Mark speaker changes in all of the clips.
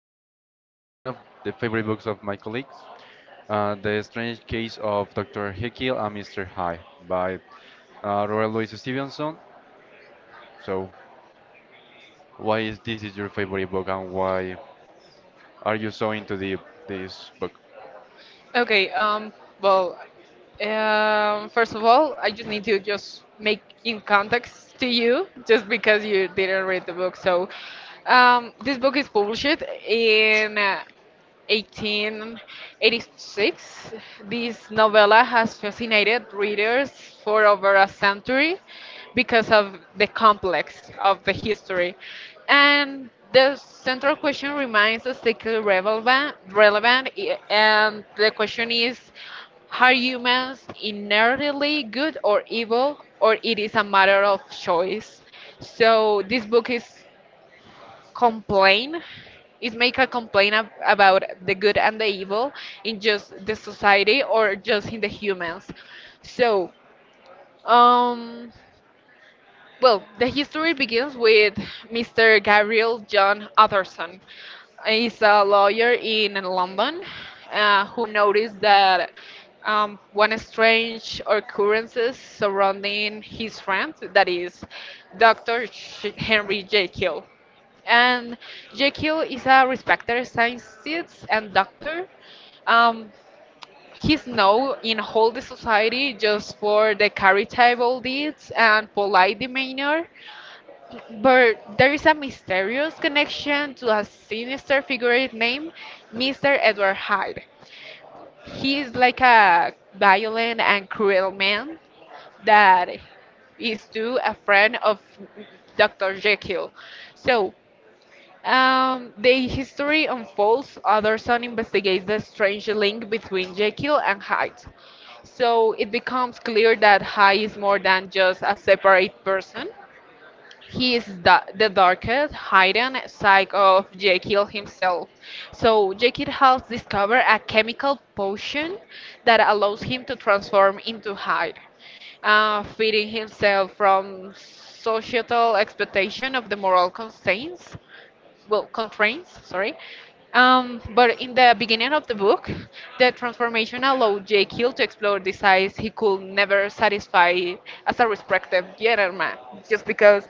Speaker 1: one of the favorite books of my colleague, The Strange Case of Dr. Jekyll and Mr. Hyde by Robert Louis Stevenson. So, why is this is your favorite book and why are you so into the this book?
Speaker 2: First of all, I just need to just make in context to you, just because you didn't read the book. This book is published in 1886. This novella has fascinated readers for over a century because of the complex of the history. And the central question remains still and the question is, are humans inherently good or evil, or it is a matter of choice? So this book is complain is make a complaint about the good and the evil in just the society or just in the humans, so um well, the history begins with Mr. Gabriel John Utterson. He's a lawyer in London, who noticed that one strange occurrences surrounding his friend, that is Henry Jekyll. And Jekyll is a respected scientist and doctor. Um, he's known in all the society just for the charitable deeds and polite demeanor. But there is a mysterious connection to a sinister figure named Mr. Edward Hyde. He is like a violent and cruel man that is too a friend of Dr. Jekyll. So, the history unfolds. Utterson investigates the strange link between Jekyll and Hyde. So, it becomes clear that Hyde is more than just a separate person. He is the darkest, hidden side of Jekyll himself. So, Jekyll has discovered a chemical potion that allows him to transform into Hyde, freeing himself from societal expectation of the moral constraints, constraints, sorry. But in the beginning of the book, the transformation allowed Jekyll to explore the sides he could never satisfy as a respected gentleman, just because,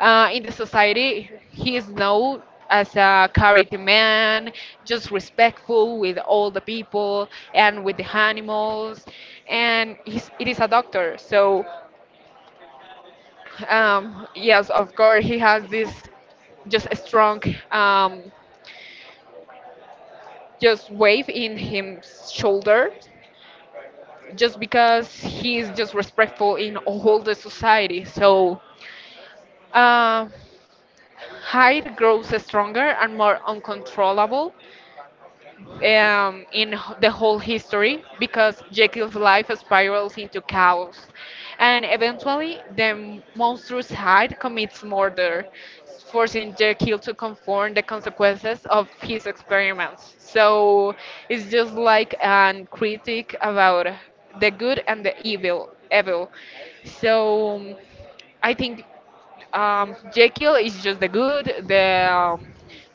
Speaker 2: in the society he is known as a charity man, just respectful with all the people and with the animals, and it is a doctor. So yes, of course he has this just a strong um, just wave in his shoulder, just because he is just respectful in all the society. So uh, hate grows stronger and more uncontrollable, in the whole history because Jekyll's life spirals into chaos. And eventually, the monstrous Hyde commits murder, forcing Jekyll to confront the consequences of his experiments. So it's just like a critic about the good and the evil. So I think, Jekyll is just the good, the um,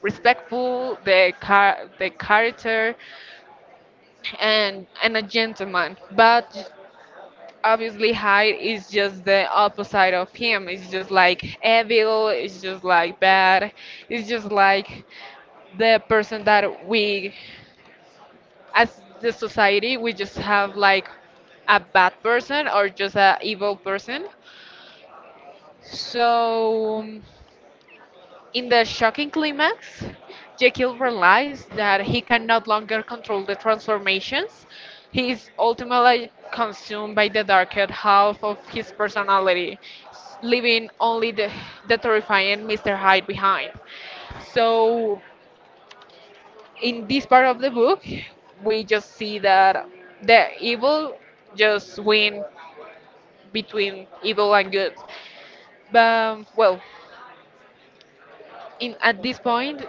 Speaker 2: respectful, the character, and a gentleman, but obviously Hyde is just the opposite of him. It's just like evil, it's just like bad. It's just like the person that we, as the society, we just have like a bad person or just a evil person. so In the shocking climax, Jekyll realizes that he can no longer control the transformations. He is ultimately consumed by the darker half of his personality, leaving only the terrifying Mr. Hyde behind. So, in this part of the book, we just see that the evil just win between evil and good. But, well, in at this point,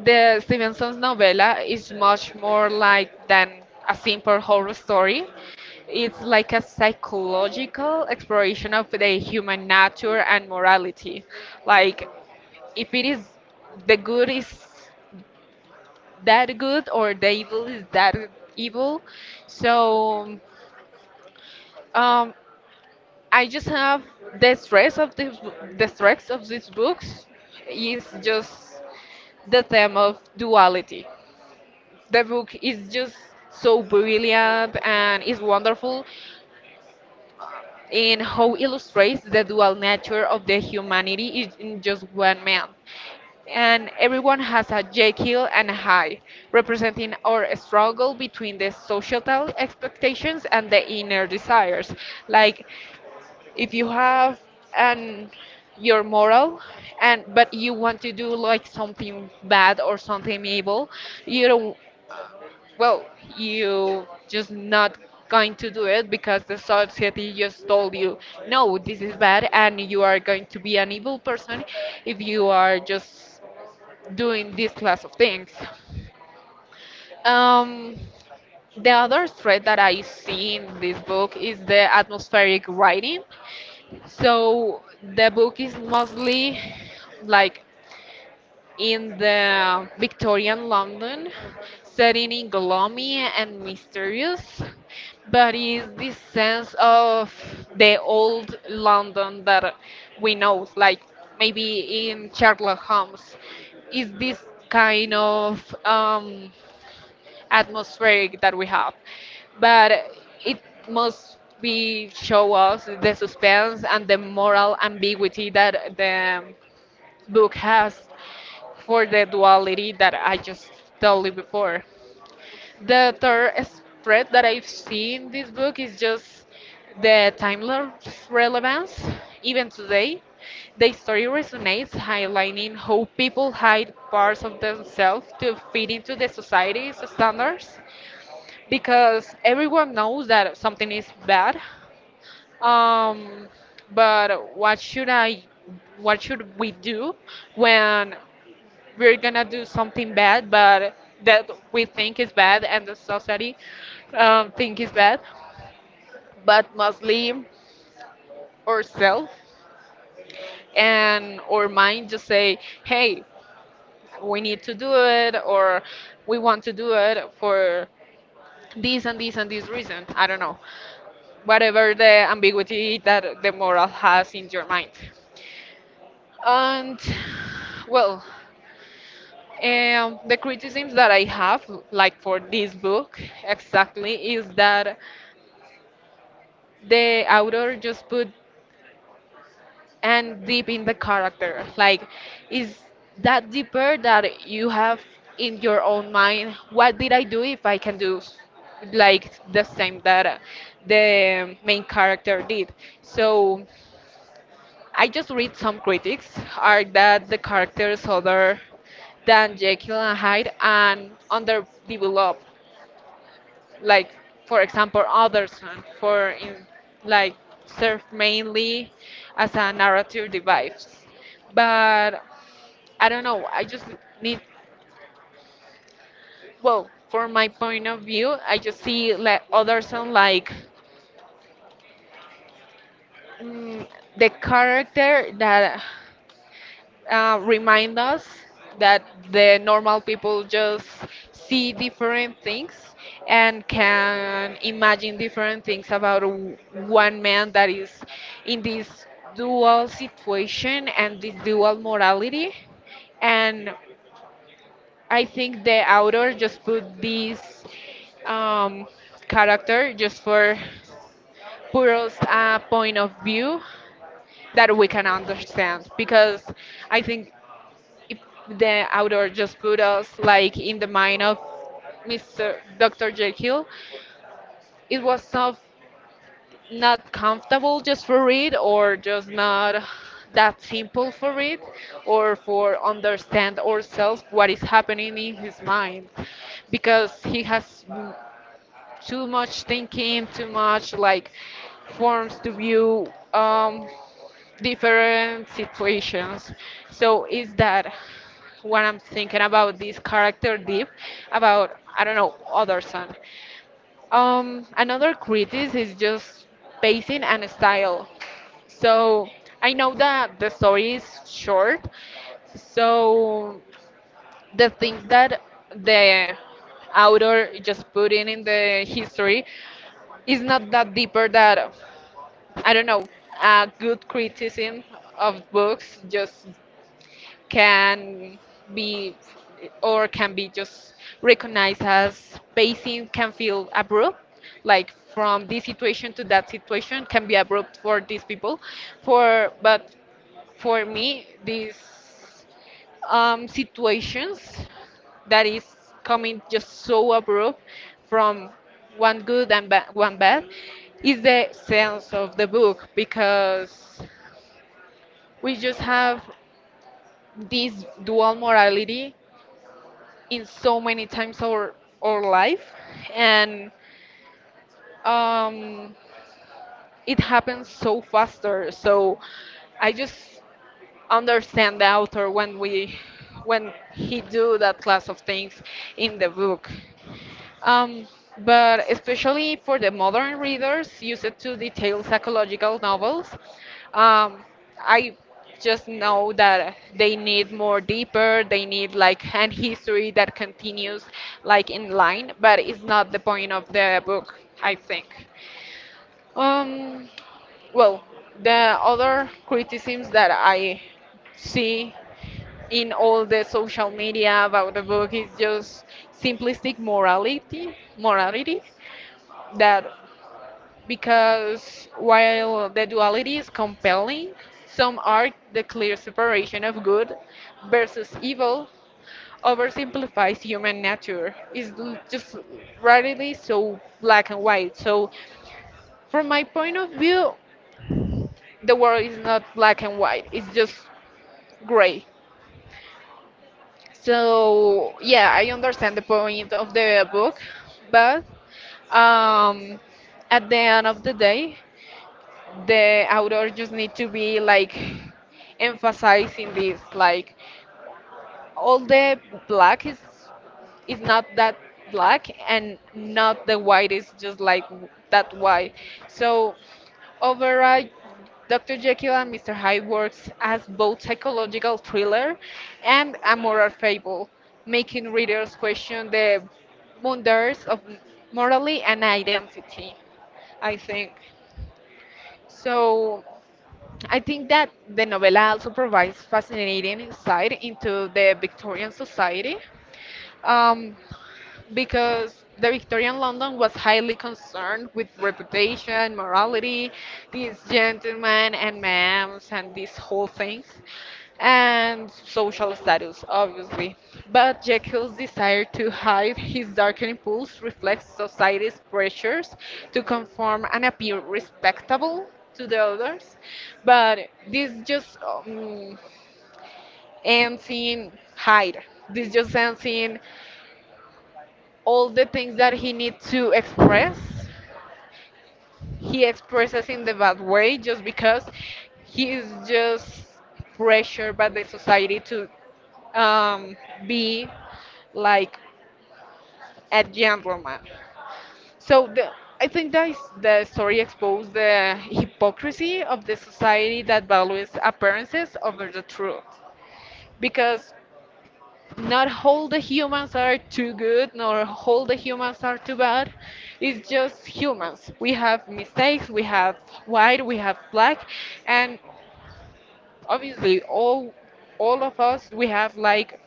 Speaker 2: the Stevenson's novella is much more like than a simple horror story. It's like a psychological exploration of the human nature and morality. Like, if it is, the good is that good, or the evil is that evil. So um, I just have the stress of this, the stress of these books is just the theme of duality. The book is just so brilliant and is wonderful in how illustrates the dual nature of the humanity is in just one man. And everyone has a Jekyll and a Hyde, representing our struggle between the societal expectations and the inner desires. Like, if you have an your moral and but you want to do like something bad or something evil, you don't, well, you just not going to do it because the society just told you, no, this is bad, and you are going to be an evil person if you are just doing this class of things. Um, the other thread that I see in this book is the atmospheric writing. So the book is mostly like in the Victorian London, setting in gloomy and mysterious, but is this sense of the old London that we know, like maybe in Sherlock Holmes, is this kind of atmospheric that we have, but it must be show us the suspense and the moral ambiguity that the book has for the duality that I just told you before. The third spread that I've seen in this book is just the timeless relevance. Even today, the story resonates, highlighting how people hide parts of themselves to fit into the society's standards. Because everyone knows that something is bad, um, but what should we do when we're gonna do something bad, but that we think is bad and the society think is bad, but mostly ourselves and our mind just say, hey, we need to do it or we want to do it for this and this and this reason. I don't know. Whatever the ambiguity that the moral has in your mind. And well, the criticisms that I have, like for this book, exactly, is that the author just put and deep in the character, like, is that deeper that you have in your own mind, what did I do if I can do like the same that the main character did. so I just read some critics are that the characters other than Jekyll and Hyde and underdeveloped, like, for example, Alderson for in, like, serve mainly as a narrative device. But I don't know, I just need, well, from my point of view, I just see like Alderson like, mm, the character that, remind us that the normal people just see different things and can imagine different things about one man that is in this dual situation and this dual morality. And I think the author just put this um, character just for put us a point of view that we can understand, because I think, if the author just put us like in the mind of Mr. Dr. Jekyll, it was not comfortable just for read or just not that simple for read or for understand ourselves what is happening in his mind, because too much thinking, too much like forms to view. Different situations. So is that what I'm thinking about this character deep about, I don't know, other son. Another critic is just pacing and style. So I know that the story is short. So the things that the author just put in the history is not that deeper that, I don't know, a good criticism of books just can be or can be just recognized as pacing can feel abrupt, like from this situation to that situation can be abrupt for these people, for but for me these situations that is coming just so abrupt from one good and ba- one bad is the sense of the book because we just have this dual morality in so many times our life, and um, it happens so faster. So I just understand the author when we when he do that class of things in the book. Um, but especially for the modern readers used to detail psychological novels, um, I just know that they need more deeper, they need like an history that continues like in line, but it's not the point of the book, I think. Um, well, the other criticisms that I see in all the social media about the book is just simplistic morality, that, because while the duality is compelling, some arc the clear separation of good versus evil oversimplifies human nature. Just rarely so black and white. So, from my point of view, the world is not black and white, it's just gray. So, yeah, I understand the point of the book, but, um, at the end of the day, the author just need to be like emphasizing this, like, all the black is not that black, and not the white is just like that white. so Overall, Dr. Jekyll and Mr. Hyde works as both psychological thriller and a moral fable, making readers question the wonders of morality and identity, I think. So I think that the novella also provides fascinating insight into the Victorian society. Um, because the Victorian London was highly concerned with reputation, morality, these gentlemen and ma'ams and these whole things, and social status, obviously. But Jekyll's desire to hide his darkening pulse reflects society's pressures to conform and appear respectable to the others, but this just ends in hide. This just ends in all the things that he needs to express, he expresses in the bad way just because he is just pressured by the society to, um, be like a gentleman. So I think that is the story exposed the hypocrisy of the society that values appearances over the truth. Because not all the humans are too good nor all the humans are too bad. It's just humans, we have mistakes, we have white, we have black, and obviously all of us we have like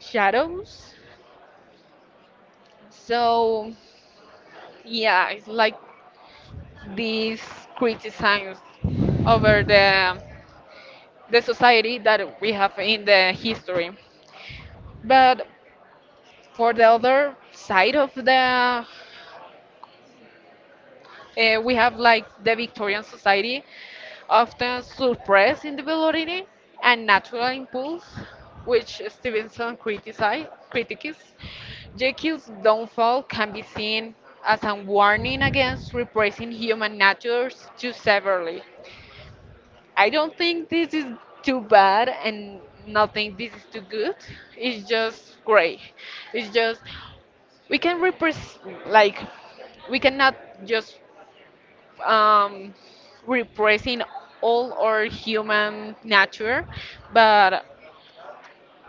Speaker 2: shadows. So yeah, it's like these criticisms over the society that we have in the history. But for the other side of the we have like the Victorian society often suppress individuality and natural impulse, which Stevenson criticized. Critiques. Jekyll's downfall can be seen as a warning against repressing human natures too severely. I don't think this is too bad and not think this is too good. It's just great. It's just we can repress, like, we cannot just um, repressing all our human nature, but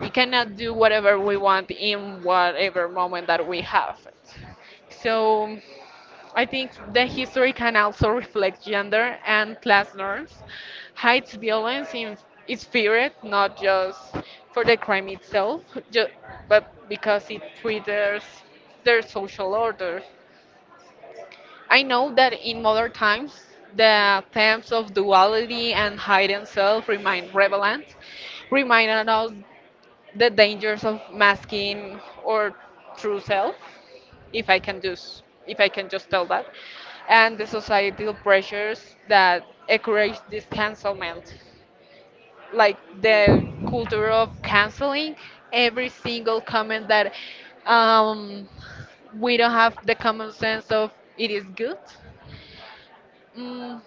Speaker 2: we cannot do whatever we want in whatever moment that we have it. So I think the history can also reflect gender and class norms, hides violence in its spirit, not just for the crime itself, ju- but because it triggers their social order. I know that in modern times, the themes of duality and hidden self remain relevant, reminding us the dangers of masking or true self, if I can just tell that, and the societal pressures that encourage this cancelment, like the culture of canceling every single comment that um, we don't have the common sense of it is good. Mm,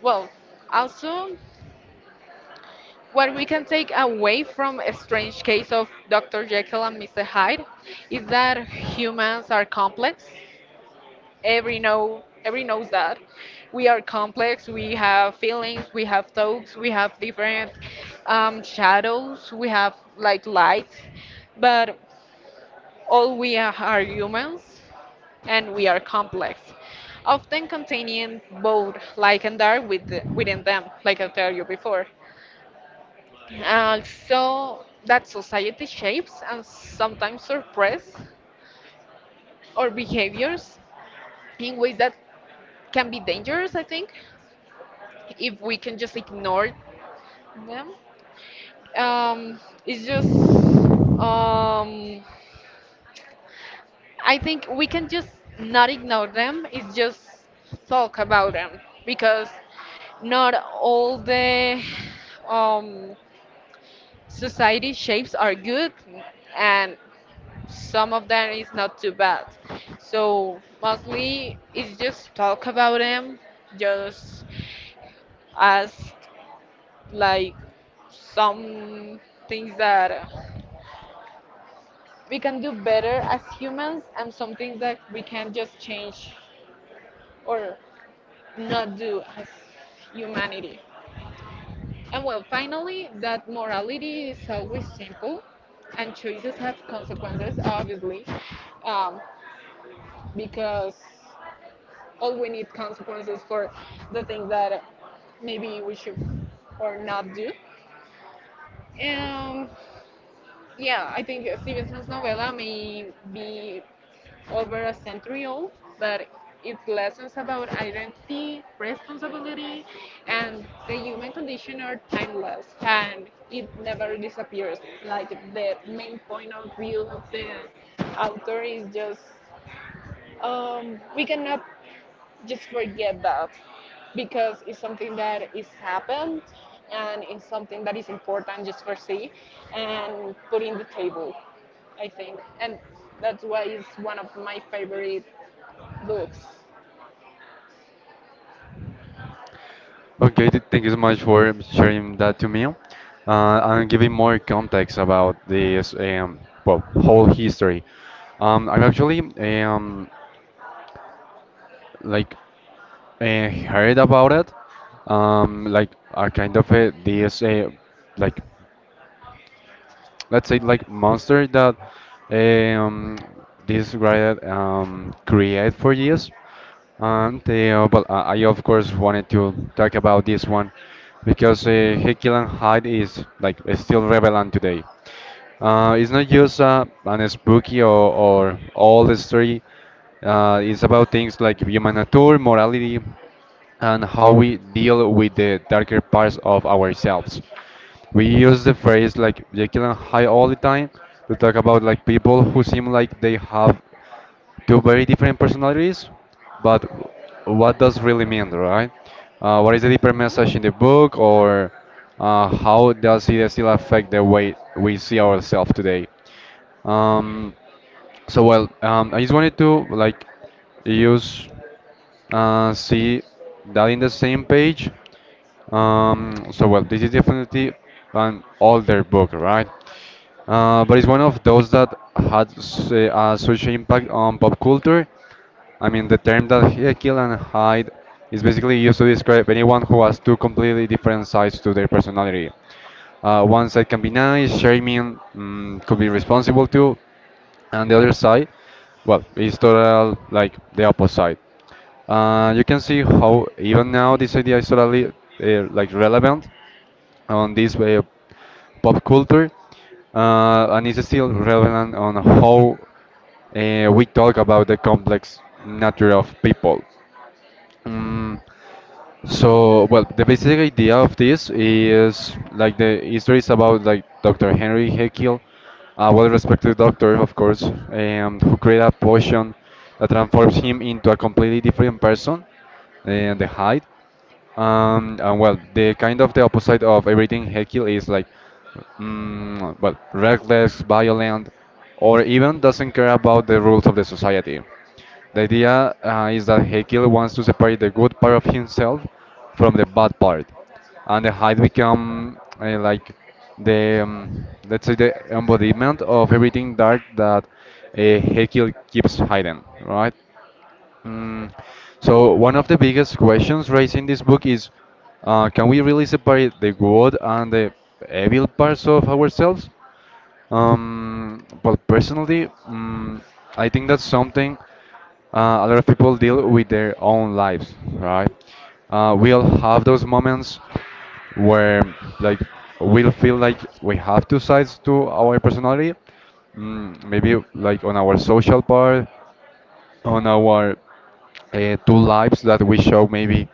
Speaker 2: well, also, what we can take away from a strange case of Dr. Jekyll and Mr. Hyde is that humans are complex. Every knows that we are complex. We have feelings, we have thoughts, we have different shadows, we have like lights, but all we are humans and we are complex, often containing both light and dark with, within them, like I told you before. Also, that society shapes and sometimes suppress our behaviors in ways that can be dangerous, I think, if we can just ignore them. Um, it's just, um, I think we can just not ignore them, it's just talk about them because not all the um, society shapes are good and some of them is not too bad. So mostly it's just talk about them, just ask like some things that we can do better as humans and some things that we can just change or not do as humanity. And well, finally, that morality is always simple, and choices have consequences, obviously, um, because all we need consequences for the things that maybe we should or not do. And yeah, I think Stevenson's novella may be over a century old, but its lessons about identity, responsibility, and the human condition are timeless and it never disappears. Like the main point of view of the author is just we cannot just forget that because it's something that is happened and it's something that is important just for see and put in the table, I think. And that's why it's one of my favorite books.
Speaker 1: Okay, thank you so much for sharing that to me. And giving more context about this well, whole history. I'm actually um, like I heard about it. Like a kind of a this like let's say like monster that eh, um, this guy create for years. And well, I of course wanted to talk about this one because Jekyll and Hyde is like still relevant today. It's not just an spooky or old story. It's about things like human nature, morality, and how we deal with the darker parts of ourselves. We use the phrase like Jekyll and Hyde all the time to talk about like people who seem like they have two very different personalities, but what does really mean, right? What is the deeper
Speaker 2: Hmm,
Speaker 1: message in the book, or how does it still affect the way we see ourselves today? Um, so well, I just wanted to like use see that in the same page. So well, this is definitely an older book, right? But it's one of those that had such impact on pop culture. I mean, the term that "kill and hide" is basically used to describe anyone who has two completely different sides to their personality. One side can be nice, charming, could be responsible too, and the other side, well, is total like the opposite. You can see how even now this idea is totally like relevant on this pop culture, and it's still relevant on how we talk about the complex nature of people. Mm, so, well, the basic idea of this is like the history is about like Dr. Henry Jekyll, a well-respected doctor, of course, who created a potion that transforms him into a completely different person, and the Hyde. And well, the kind of the opposite of everything Hekil is like, well, reckless, violent, or even doesn't care about the rules of the society. The idea is that Hegel wants to separate the good part of himself from the bad part, and the height become like the let's say the embodiment of everything dark that Hegel keeps hidden, right? Mm, so one of the biggest questions raised in this book is, can we really separate the good and the evil parts of ourselves? Well, personally, I think that's something a lot of people deal with their own lives, right? We all have those moments where, like, we'll feel like we have two sides to our personality. Maybe like on our social part on our two lives that we show maybe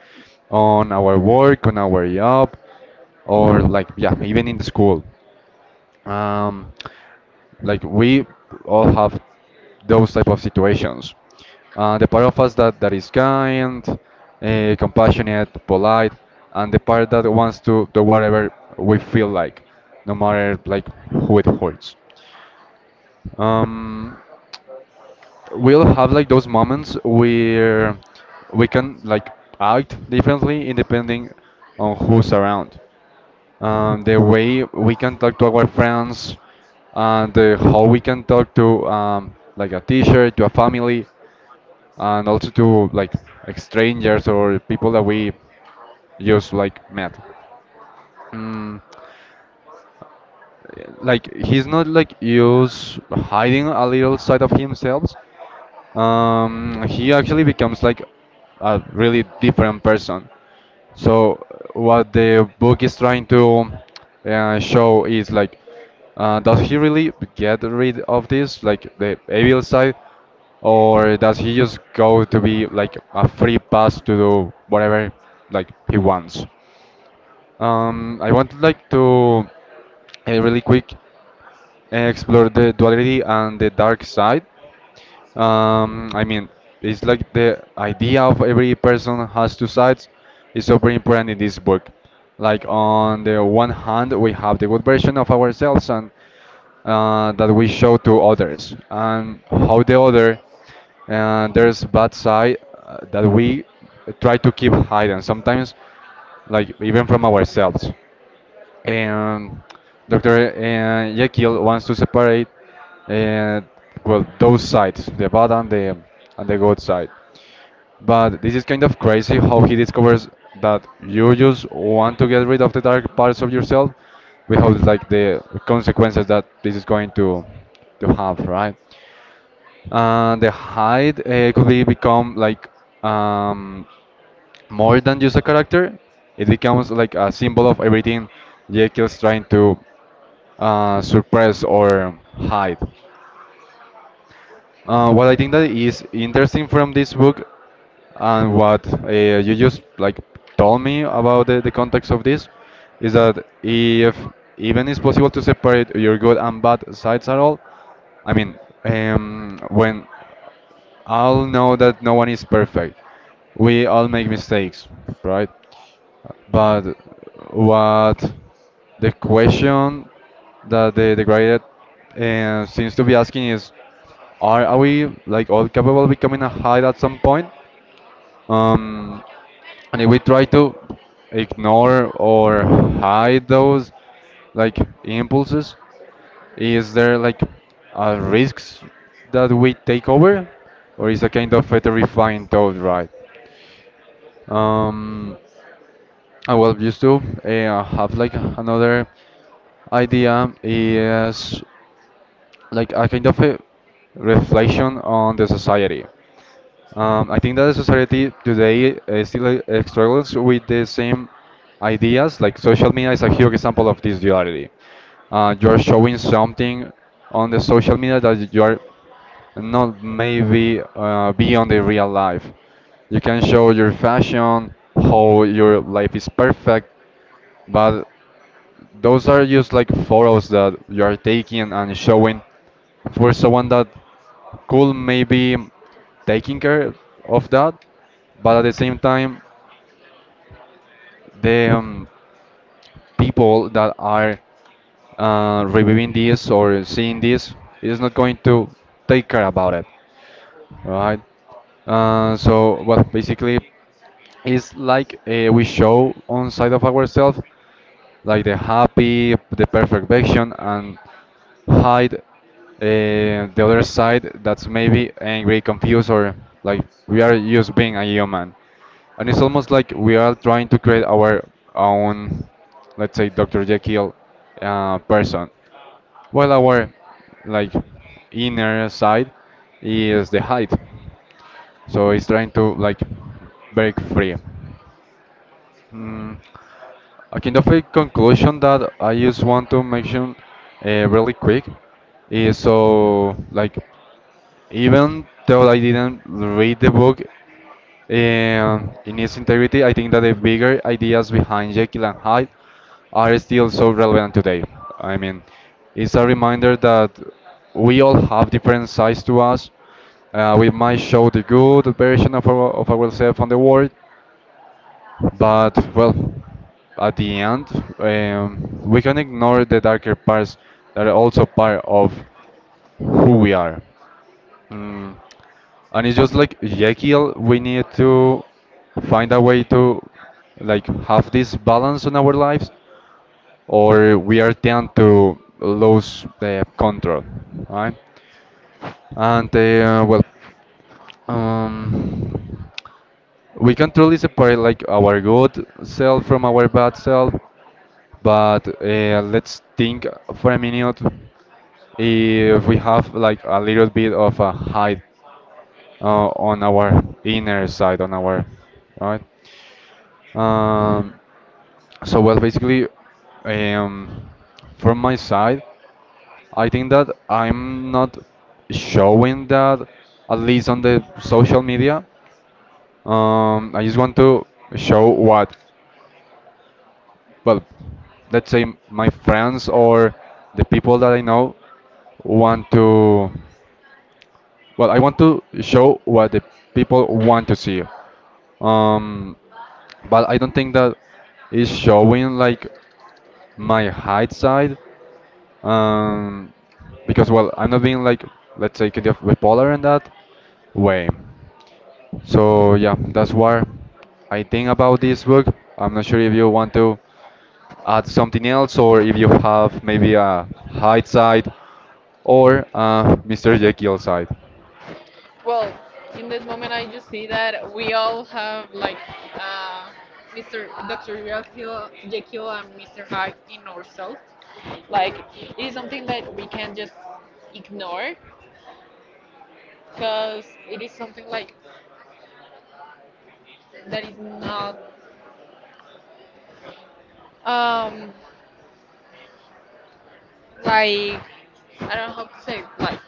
Speaker 1: on our work, on our job, or like yeah, even in the school. Um, like we all have those type of situations. The part of us that is kind, compassionate, polite, and the part that wants to do whatever we feel like, no matter like who it hurts. Um, we'll have like those moments where we can like act differently independing on who's around. The way we can talk to our friends and how we can talk to like a teacher, to a family, and also to like strangers or people that we just like met. Mm, like he's not like use hiding a little side of himself he actually becomes like a really different person. So what the book is trying to show is like, does he really get rid of this, like the evil side, or does he just go to be like a free pass to do whatever like he wants? I want like to really quick explore the duality and the dark side. I mean, it's like the idea of every person has two sides is so very important in this book. Like on the one hand, we have the good version of ourselves and that we show to others, and how the other there's bad side that we try to keep hidden sometimes, like even from ourselves and Dr. Jekyll wants to separate uh, well those sides, the bad and the good side. But this is kind of crazy how he discovers that you just want to get rid of the dark parts of yourself without like the consequences that this is going to have, right? And the hide could be become like um, more than just a character. It becomes like a symbol of everything Jekyll's trying to suppress or hide. What I think that is interesting from this book and what you just like told me about the context of this is that if even it's possible to separate your good and bad sides at all, I mean, when all know that no one is perfect, we all make mistakes, right?
Speaker 2: yeah.
Speaker 1: But what the question that the graduate seems to be asking is, are we like all capable of becoming a height at some point? Um, and if we try to ignore or hide those like impulses, is there like a risks that we take over, or is a kind of a terrifying thought, right? Um, well, used to have like another idea is like a kind of a reflection on the society. I think that the society today still struggles with the same ideas. Like social media is a huge example of this duality. You are showing something on the social media that you are not maybe beyond the real life. You can show your fashion, how your life is perfect, but those are just like photos that you are taking and showing for someone that could maybe taking care of that, but at the same time, the people that are reviewing this or seeing this is not going to take care about it, right? So, well, basically, it's like we show on side of ourselves like the happy, the perfect version, and hide the other side that's maybe angry, confused, or like we are just being a human. And it's almost like we are trying to create our own, let's say, Dr. Jekyll person. While our like inner side is the hide, so it's trying to like break free. Mm. A kind of a conclusion that I just want to mention really quick is so like even though I didn't read the book in its integrity, I think that the bigger ideas behind Jekyll and Hyde are still so relevant today. I mean, it's a reminder that we all have different sides to us. We might show the good version our, of ourselves on the world, but well, at the end, we can ignore the darker parts that are also part of who we are. Mm. And it's just like Jekyll, we need to find a way to like have this balance in our lives, or we are tend to lose the control, right? And well, um, we can truly separate like our good self from our bad self but let's think for a minute if we have like a little bit of a hide on our inner side on our right um, so well basically um, from my side I think that I'm not showing that at least on the social media, I just want to show what well, let's say my friends or the people that I know want to, well, I want to show what the people want to see. Um, but I don't think that is showing like my hide side, um, because well, I'm not being like, let's say, kind of bipolar in that way. So yeah, that's what I think about this book. I'm not sure if you want to add something else, or if you have maybe a Hyde side or Mr. Jekyll side.
Speaker 2: Well, in this moment, I just see that we all have like uh, Mr. Dr. Jekyll, Jekyll and Mr. Hyde in ourselves. Like it is something that we can just ignore because it is something like that is not um like, I don't know how to say it, like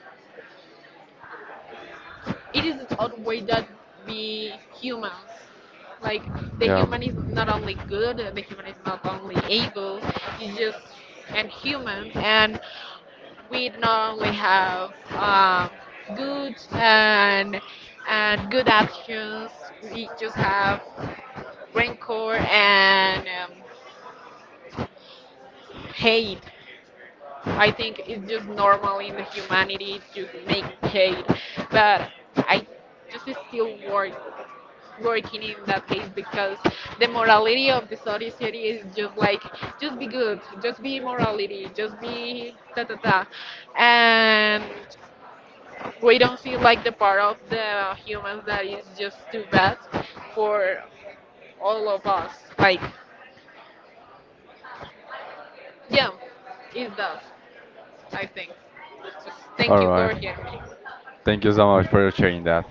Speaker 2: it is its odd way that we humans, like, the
Speaker 1: Yeah.
Speaker 2: human is not only good, the human is not only evil, it's just an human. And we not only have good and good actions, we just have rancor and hate. I think it's just normal in the humanity to make hate, but I just still work working in that case because the morality of the society is just like just be good, just be morality, just be ta ta ta, and we don't feel like the part of the humans that is just too bad for all of us. Like, yeah, it's that, I think. So thank
Speaker 1: All
Speaker 2: you
Speaker 1: right.
Speaker 2: for hearing me.
Speaker 1: Thank you so much for sharing that.